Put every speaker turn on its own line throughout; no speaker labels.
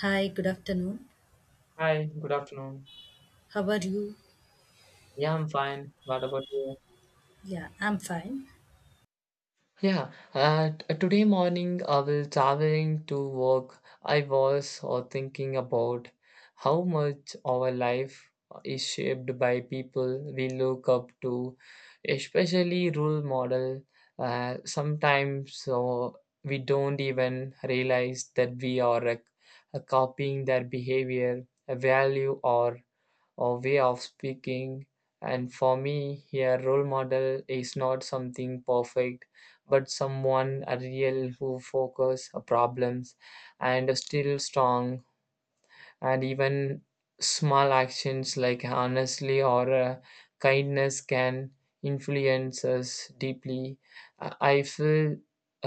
Hi, good afternoon.
Hi, good afternoon.
How are you?
Yeah, I'm fine. What about you?
Yeah, I'm fine.
Yeah, today morning I was traveling to work. I was thinking about how much our life is shaped by people we look up to, especially role model. Sometimes we don't even realize that we are copying their behavior, value, or way of speaking. And for me, here role model is not something perfect, but someone a real who focus on problems and still strong and even small actions like honestly or kindness can influence us deeply. I feel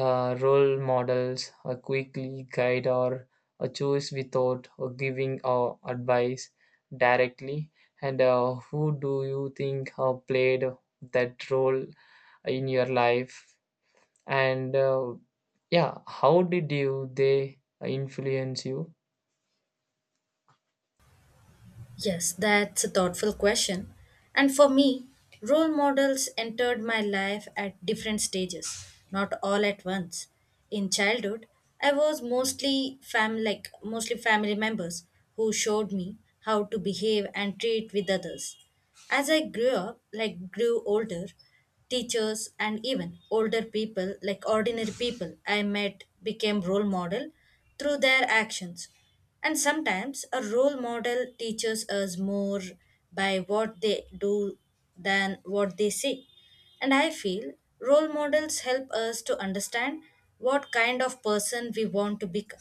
role models quickly guide or choose without giving advice directly. And who do you think played that role in your life? And yeah, how did you they influence you?
Yes, that's a thoughtful question. And for me, role models entered my life at different stages, not all at once. In childhood, I was mostly family members who showed me how to behave and treat with others. As I grew up, like grew older, teachers and even older people, like ordinary people I met became role model through their actions. And sometimes a role model teaches us more by what they do than what they say. And I feel role models help us to understand what kind of person we want to become.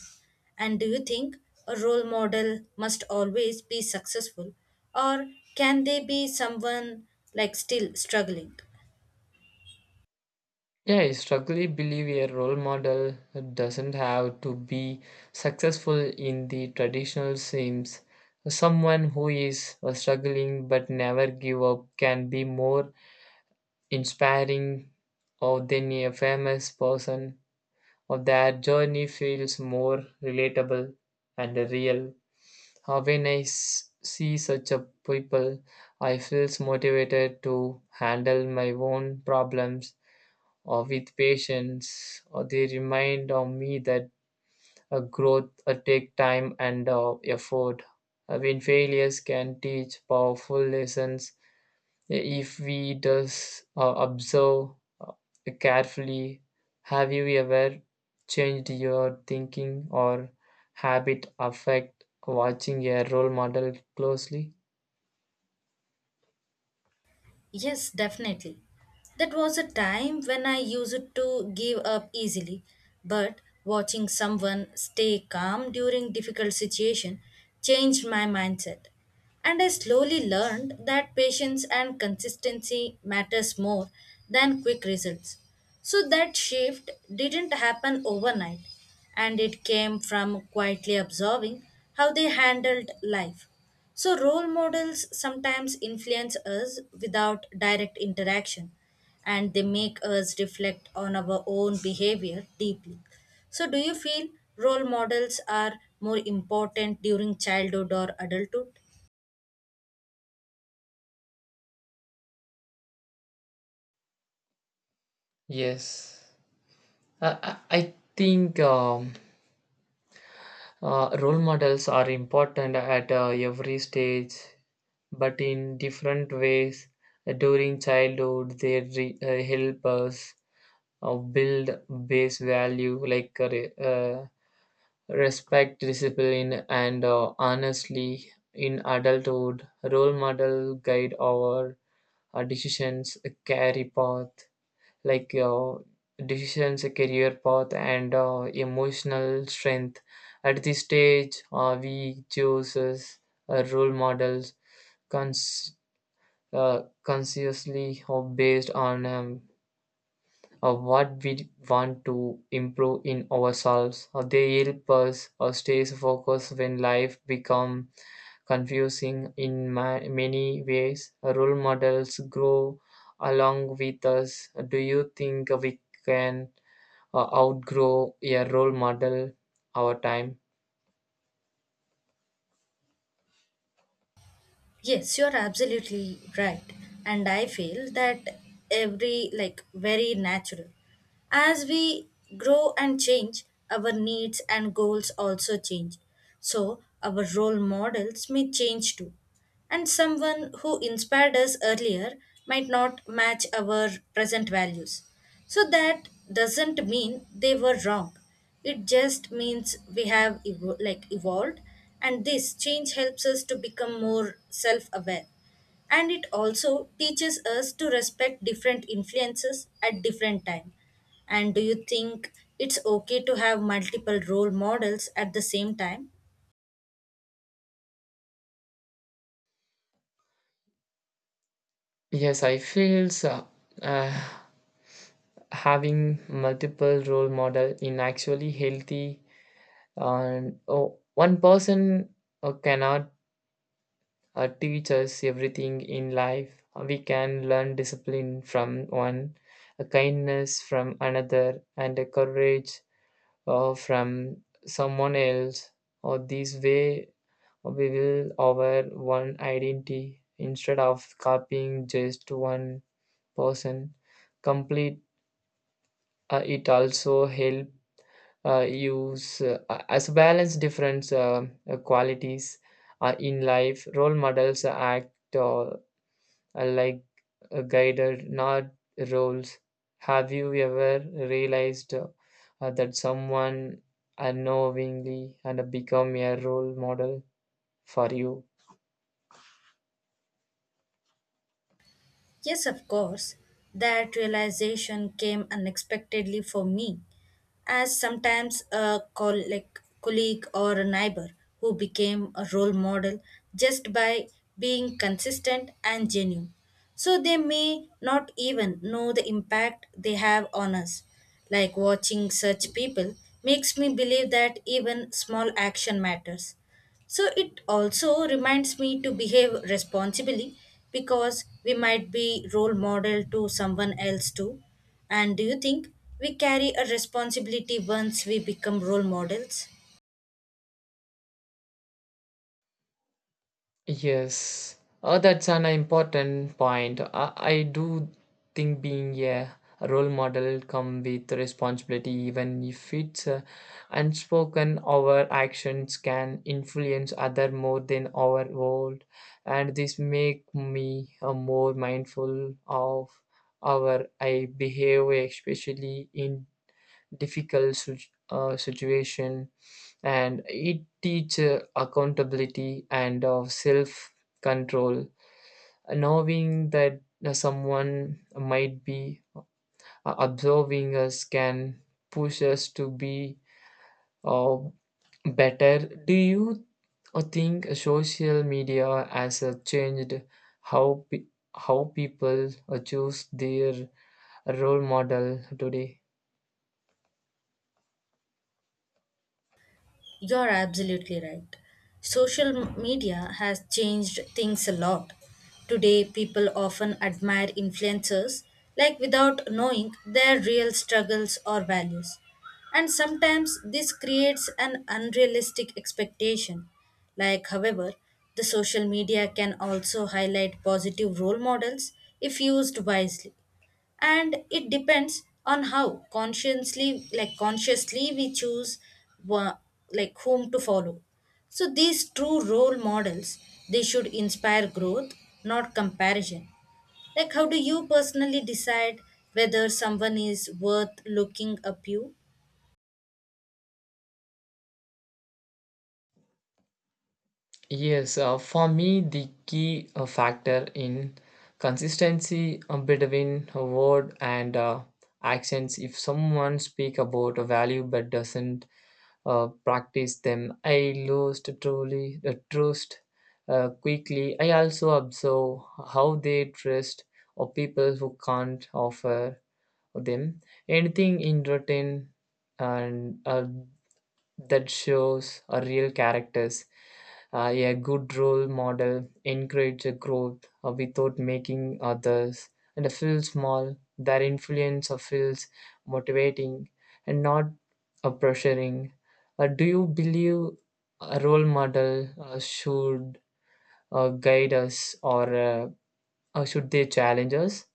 And do you think a role model must always be successful, or can they be someone like still struggling?
Yeah, I strongly believe a role model doesn't have to be successful in the traditional sense. Someone who is struggling but never give up can be more inspiring or than a famous person or their journey feels more relatable and real. When see such a people, I feels motivated to handle my own problems or with patience, or they remind of me that a growth take time and effort. When failures can teach powerful lessons if we does observe uh, carefully. Have you ever changed your thinking or habit affect watching a role model closely?
Yes, definitely. That was a time when I used to give up easily, but watching someone stay calm during difficult situation changed my mindset. And I slowly learned that patience and consistency matters more than quick results. So that shift didn't happen overnight and it came from quietly observing how they handled life. So, role models sometimes influence us without direct interaction and they make us reflect on our own behavior deeply. So, do you feel role models are more important during childhood or adulthood?
Yes, I think. Role models are important at every stage, but in different ways. During childhood, they help us build base value like respect, discipline, and honestly. In adulthood, role model guide our decisions, carry path, like your decisions, career path, and emotional strength. At this stage, we choose as role models cons- consciously or based on what we want to improve in ourselves. They help us stay focused when life become confusing in many ways. Role models grow along with us. Do you think we can outgrow a role model our time.
Yes, you're absolutely right. And I feel that every, like, very natural. As we grow and change, our needs and goals also change. So, our role models may change too. And someone who inspired us earlier might not match our present values. So, that doesn't mean they were wrong. It just means we have evolved, and this change helps us to become more self-aware. And it also teaches us to respect different influences at different time. And do you think it's okay to have multiple role models at the same time?
Yes, I feel so. Uh, Having multiple role model in actually healthy and oh, one person cannot teach us everything in life. We can learn discipline from one, a kindness from another, and a courage from someone else. Or this way, we will our one identity instead of copying just one person. Complete it also help use as balance different qualities in life. Role models act like guided, not roles. Have you ever realized that someone unknowingly and become a role model for you?
Yes, of course. That realization came unexpectedly for me, as sometimes a colleague or a neighbor who became a role model just by being consistent and genuine. So they may not even know the impact they have on us. Like watching such people makes me believe that even small action matters. So it also reminds me to behave responsibly because we might be role model to someone else too. And do you think we carry a responsibility once we become role models?
Yes, that's an important point. I do think being a role model come with responsibility, even if it's unspoken. Our actions can influence other more than our world, and this make me more mindful of our I behavior, especially in difficult situation and it teaches accountability and of self control, knowing that someone might be observing us can push us to be uh, better. Do you think social media has changed how pe- how people choose their role model today?
You're absolutely right. Social media has changed things a lot. Today, people often admire influencers like without knowing their real struggles or values. And sometimes this creates an unrealistic expectation. Like, however, the social media can also highlight positive role models if used wisely and it depends on how consciously we choose wha- whom to follow. So these true role models, they should inspire growth, not comparison. Like, how do you personally decide whether someone is worth looking up you?
Yes, for me, the key factor in consistency between a word and actions. If someone speak about a value but doesn't practice them, I lose to truly trust quickly. I also observe how they trust or people who can't offer them anything in return, and that shows a real characters. A good role model encourages growth without making others and feel small. Their influence feels motivating and not pressuring. Do you believe a role model should guide us or should they challenge us?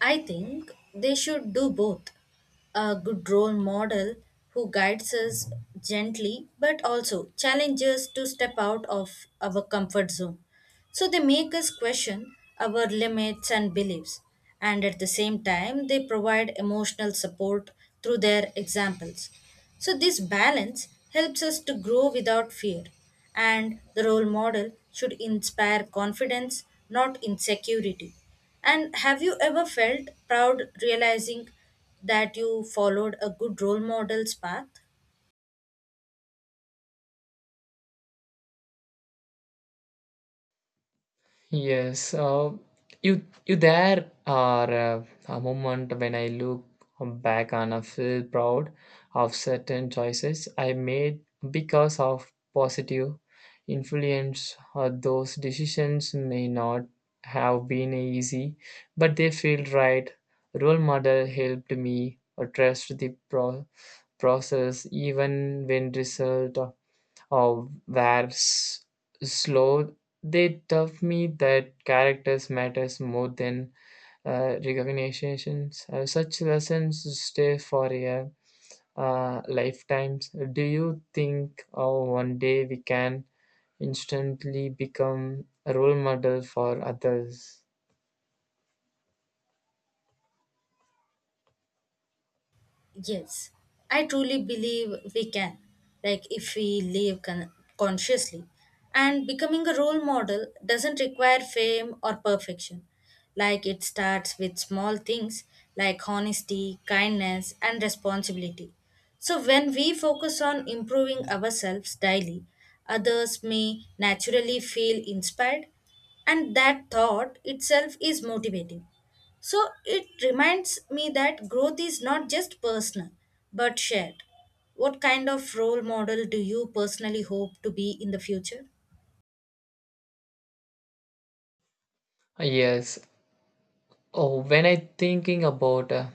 I think they should do both. A good role model who guides us gently but also challenges to step out of our comfort zone. So they make us question our limits and beliefs, and at the same time, they provide emotional support through their examples. So, this balance helps us to grow without fear, and the role model should inspire confidence, not insecurity. And have you ever felt proud realizing that you followed a good role model's path?
Yes, you you there are a moment when I look back and I feel proud of certain choices I made because of positive influence. Those decisions may not have been easy, but they feel right. Role model helped me trust the process even when result or were slow, they taught me that characters matters more than recognitions. Such lessons stay for a lifetimes. Do you think oh, one day we can instantly become a role model for others?
Yes, I truly believe we can, like if we live consciously. And becoming a role model doesn't require fame or perfection. Like it starts with small things like honesty, kindness, and responsibility. So when we focus on improving ourselves daily, others may naturally feel inspired, and that thought itself is motivating. So it reminds me that growth is not just personal, but shared. What kind of role model do you personally hope to be in the future?
Yes. Oh, when I thinking about uh,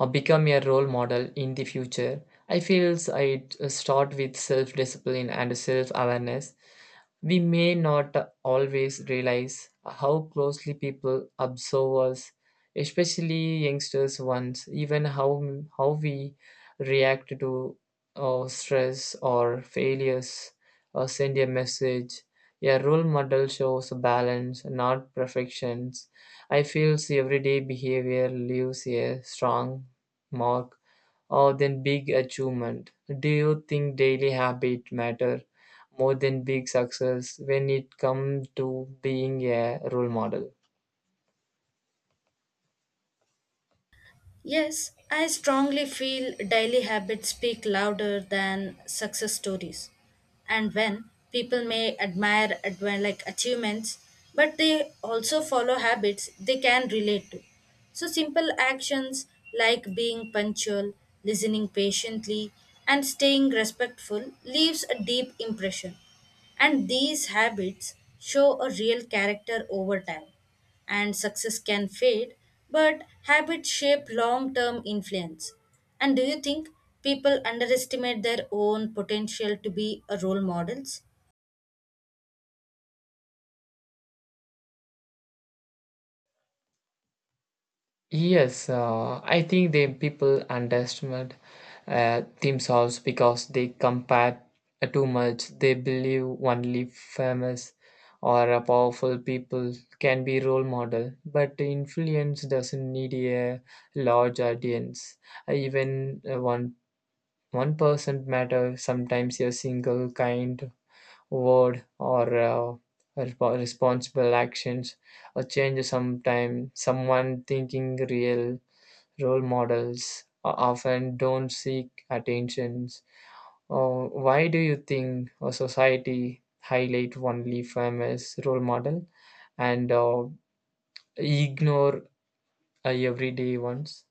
uh, become a role model in the future, I feels I start with self discipline and self awareness. We may not always realize how closely people observe us, especially youngsters ones, even how we react to stress or failures or send a message. A role model shows balance, not perfections. I feel everyday behavior leaves a strong mark or than big achievement. Do you think daily habit matter more than big success when it comes to being a role model?
Yes, I strongly feel daily habits speak louder than success stories. And when people may admire achievements, but they also follow habits they can relate to. So simple actions like being punctual, listening patiently, and staying respectful leaves a deep impression. And these habits show a real character over time and success can fade, but habits shape long term influence. And do you think people underestimate their own potential to be a role models?
Yes, I think the people underestimate themselves because they compare too much. They believe only famous or a powerful people can be role model, but influence doesn't need a large audience. Even one person matter. Sometimes a single kind word or responsible actions or change sometime someone thinking real role models often don't seek attentions. Or why do you think a society highlight only famous role model and ignore everyday ones?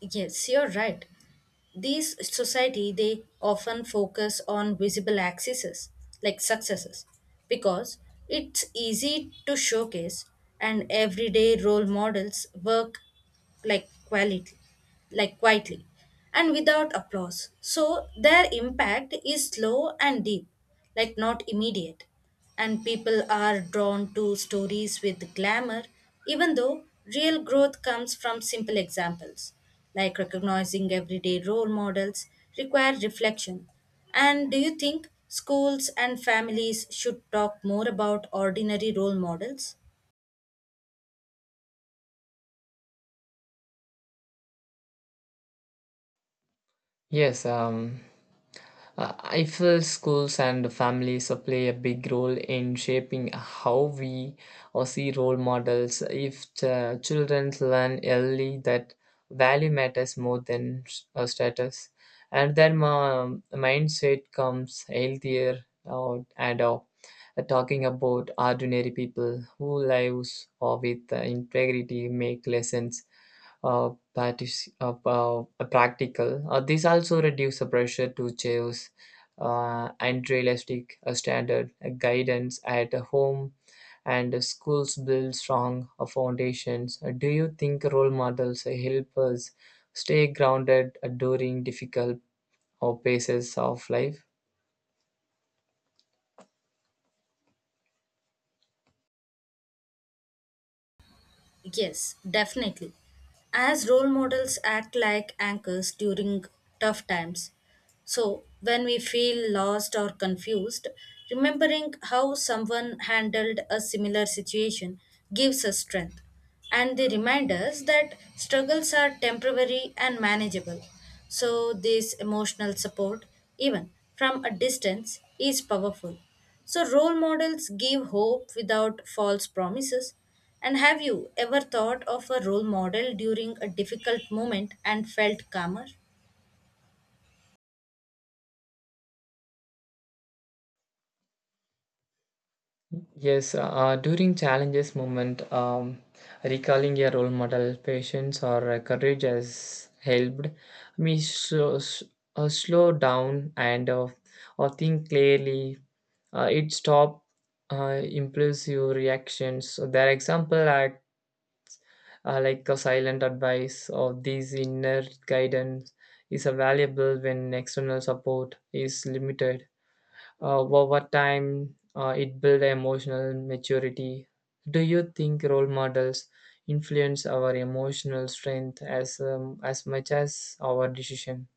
Yes, you're right. These society they often focus on visible accesses like successes because it's easy to showcase and everyday role models work like quality like quietly and without applause, so their impact is slow and deep, like not immediate. And people are drawn to stories with glamour, even though real growth comes from simple examples, like recognizing everyday role models, require reflection. And do you think schools and families should talk more about ordinary role models?
Yes. I feel schools and families play a big role in shaping how we or see role models. If the children learn early that value matters more than status, and their mindset comes healthier out and out. Talking about ordinary people who lives with integrity make lessons practical. These also reduce the pressure to choose and realistic standard guidance at home and schools build strong foundations. Do you think role models help us stay grounded during difficult or phases of life?
Yes, definitely. As role models act like anchors during tough times, so when we feel lost or confused, remembering how someone handled a similar situation gives us strength. And they remind us that struggles are temporary and manageable. So, this emotional support, even from a distance, is powerful. So, role models give hope without false promises. And have you ever thought of a role model during a difficult moment and felt calmer?
Yes, during challenges moment, recalling a role model, patience or courage has helped me slow down and or think clearly. It stopped impulsive reactions. So their example act like a silent advice, or this inner guidance is valuable when external support is limited. Over time it builds emotional maturity. Do you think role models influence our emotional strength as much as our decision?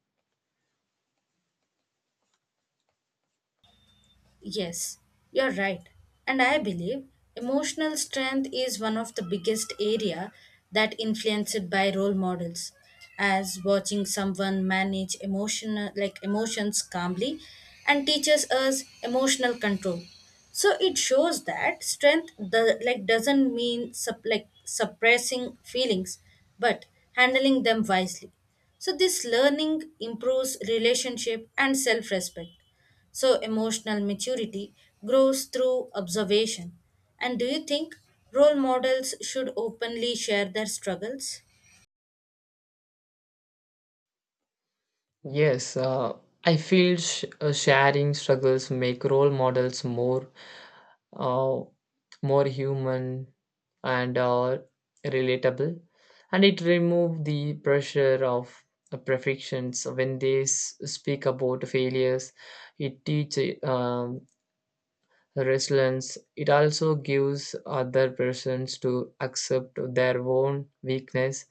Yes, you're right. And I believe emotional strength is one of the biggest area that influenced by role models, as watching someone manage emotional like emotions calmly and teaches us emotional control. So it shows that strength the like doesn't mean suppressing feelings but handling them wisely. So this learning improves relationship and self-respect. So, emotional maturity grows through observation. And do you think role models should openly share their struggles?
Yes, I feel sharing struggles make role models more uh, more human and relatable, and it remove the pressure of perfections. When they speak about failures it teaches resilience. It also gives other persons to accept their own weakness,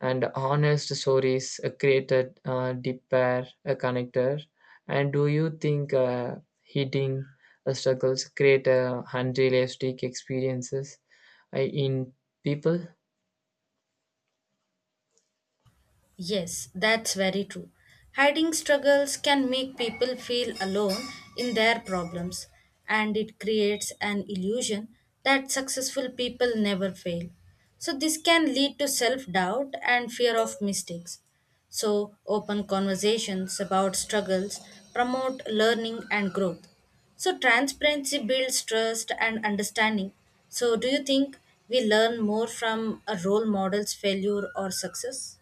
and honest stories created deeper a connector. And do you think hitting struggles create unrealistic experiences in people?
Yes, that's very true. Hiding struggles can make people feel alone in their problems, and it creates an illusion that successful people never fail. So, this can lead to self doubt and fear of mistakes. So, open conversations about struggles promote learning and growth. So, transparency builds trust and understanding. So, do you think we learn more from a role model's failure or success?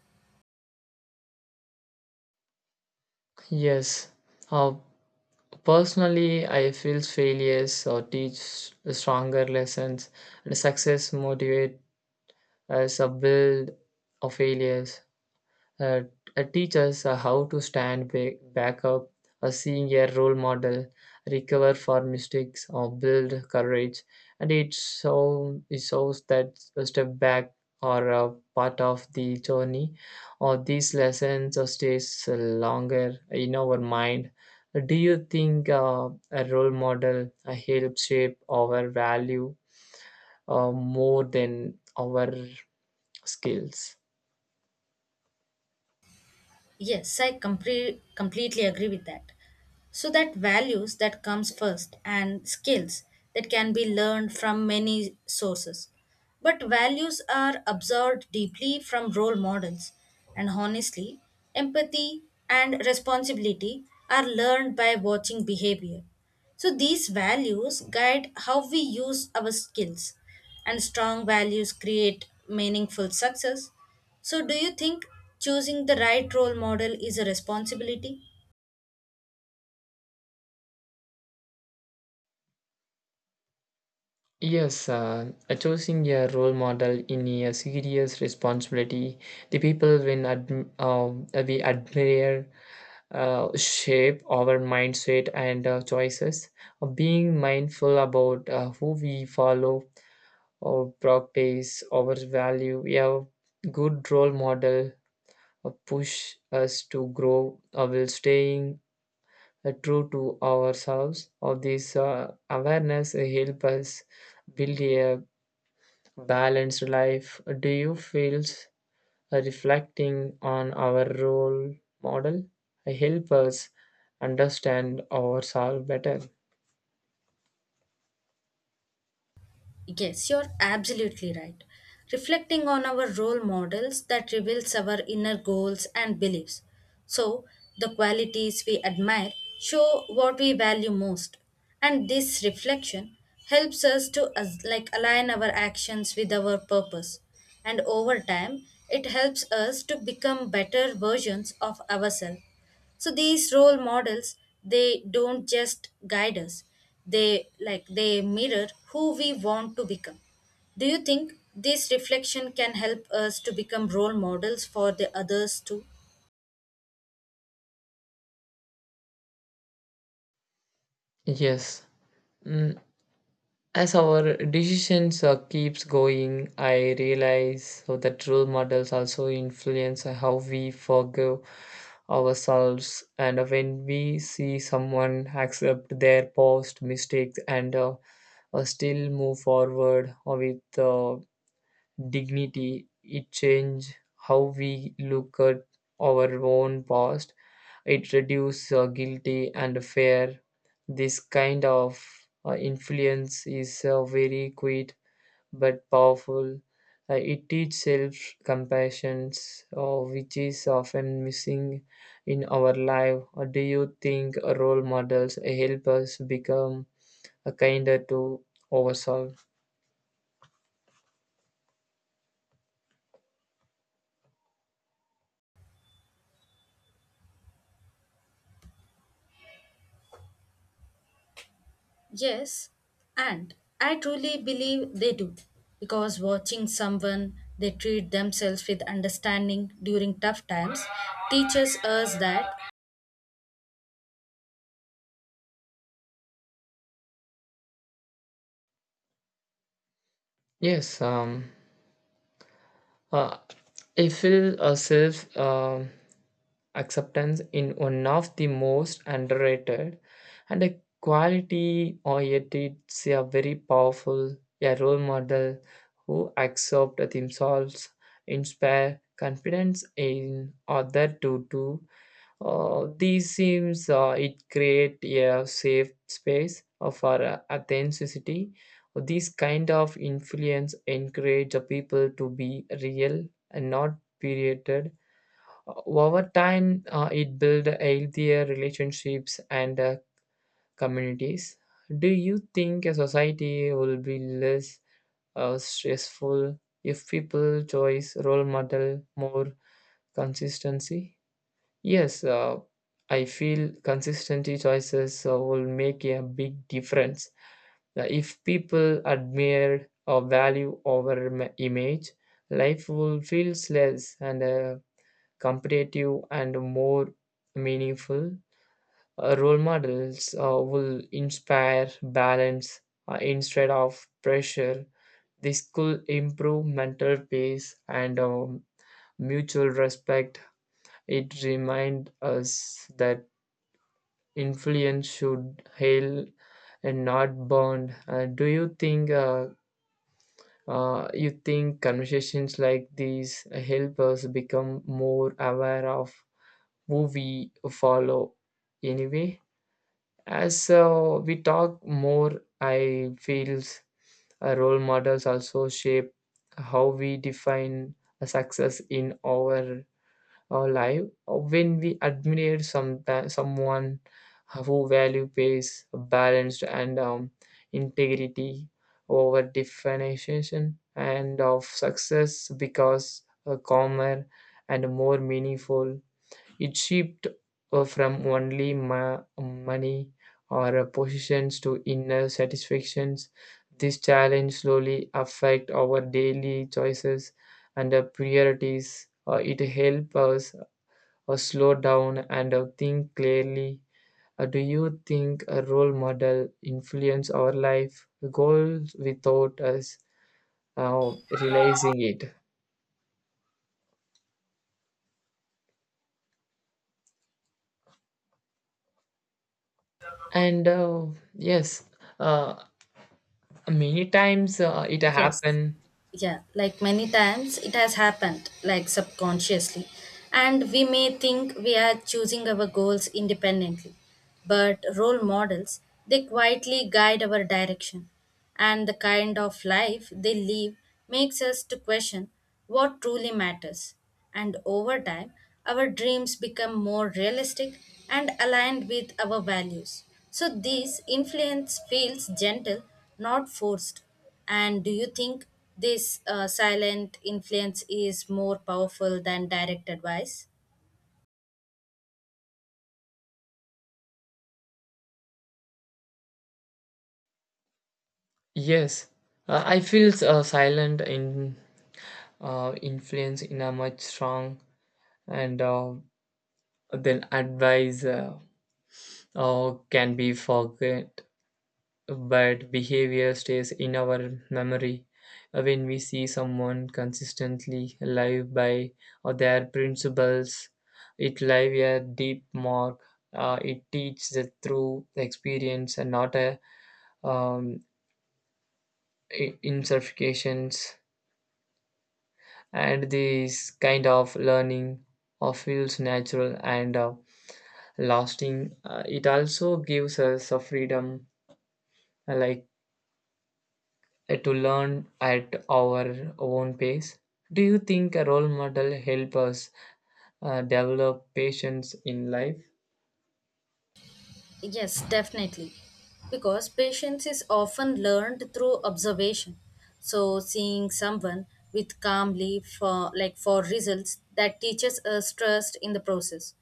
Yes. Uh, Personally, I feel failures or teach stronger lessons, and success motivate as a build of failures. Uh, Teach how to stand back up, seeing a role model, recover from mistakes, or build courage. And it shows that a step back or a part of the journey, or these lessons stays longer in our mind. Do you think a role model helps shape our value more than our skills?
Yes, I completely agree with that. So that values that comes first and skills that can be learned from many sources. But values are absorbed deeply from role models and honestly, empathy and responsibility are learned by watching behavior. So these values guide how we use our skills and strong values create meaningful success. So, do you think choosing the right role model is a responsibility?
Yes, choosing a role model in a serious responsibility, the people when we admire shape our mindset and choices. Being mindful about who we follow or practice our value. We have good role model push us to grow while staying true to ourselves. Of this awareness help us build a balanced life. Do you feel reflecting on our role model help us understand ourselves better?
Yes, you're absolutely right. Reflecting on our role models that reveals our inner goals and beliefs. So, the qualities we admire show what we value most. And this reflection helps us to align our actions with our purpose. And over time, it helps us to become better versions of ourselves. So these role models, they don't just guide us, they like they mirror who we want to become. Do you think this reflection can help us to become role models for the others too?
Yes. Mm, As our decisions keeps going, I realize so that role models also influence how we forgive ourselves, and when we see someone accept their past mistakes and still move forward with dignity. It changed how we look at our own past. It reduces guilty and fear. This kind of influence is very quiet but powerful. It teaches self compassion, which is often missing in our life. Do you think role models help us become kinder to ourselves?
Yes, and I truly believe they do. Because watching someone they treat themselves with understanding during tough times teaches us that
Yes, Uh, I feel a self acceptance in one of the most underrated and a quality, or yet it's a very powerful. A role model who accept themselves, inspire confidence in other to do these seems it create a safe space for authenticity. These kind of influence encourage the people to be real and not created. Over time, it build healthier relationships and communities. Do you think a society will be less stressful if people choose role model more consistency? Yes, I feel consistency choices will make a big difference. If people admire or value over image, life will feel less and competitive and more meaningful. Role models will inspire balance instead of pressure. This could improve mental peace and mutual respect. It reminds us that influence should hail and not bound. Do you think conversations like these help us become more aware of who we follow? Anyway, as we talk more, I feels role models also shape how we define a success in our life. When we admire someone who value pace balanced and integrity over definition and of success because calmer and more meaningful, it shift from only money or positions to inner satisfactions. This challenge slowly affect our daily choices and priorities. It helps us or slow down and think clearly? Do you think a role model influence our life goals without us uh, realizing it? And yes, uh, many times it
yes,
happen.
yeah, like many times it has happened, like subconsciously. And we may think we are choosing our goals independently, but role models, they quietly guide our direction. And the kind of life they live makes us to question what truly matters. And over time, our dreams become more realistic and aligned with our values. So this influence feels gentle, not forced. And do you think this silent influence is more powerful than direct advice?
Yes, I feel silent in influence in a much strong and then advice can be forget, but behavior stays in our memory. When we see someone consistently live by their principles, it leaves a deep mark. It teaches it through experience and not a um, insertions. And this kind of learning feels natural and lasting. It also gives us a freedom, uh, like to learn at our own pace. Do you think a role model help us develop patience in life?
Yes, definitely. Because patience is often learned through observation. So seeing someone with calmly for like for results that teaches us trust in the process.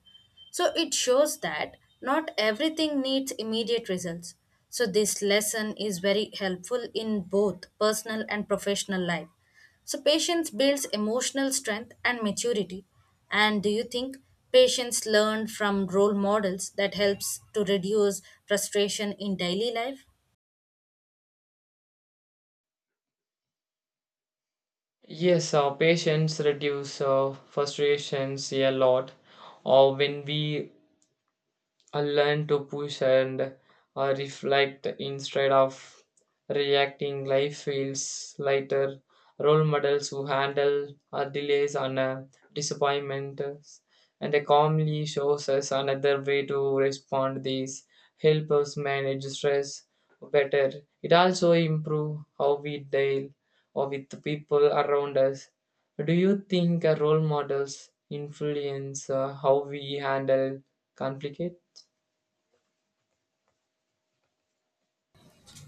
So it shows that not everything needs immediate results. So this lesson is very helpful in both personal and professional life. So patience builds emotional strength and maturity. And do you think patients learn from role models that helps to reduce frustration in daily life?
Yes, our patience reduce frustrations a lot. Or when we I learn to push and reflect instead of reacting. Life feels lighter. Role models who handle delays and disappointments and they calmly shows us another way to respond. These help us manage stress better. It also improve how we deal or with the people around us. Do you think role models influence how we handle conflict?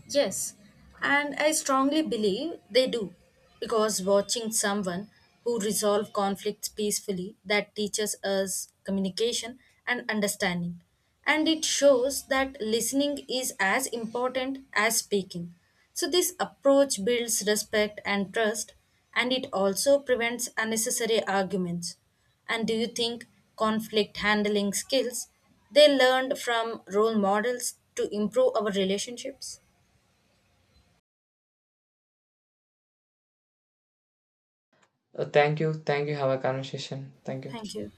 Yes, and I strongly believe they do, because watching someone who resolve conflicts peacefully that teaches us communication and understanding, and it shows that listening is as important as speaking. So this approach builds respect and trust, and it also prevents unnecessary arguments. And do you think conflict handling skills they learned from role models to improve our relationships?
Thank you. Thank you. Have a conversation. Thank you.
Thank you.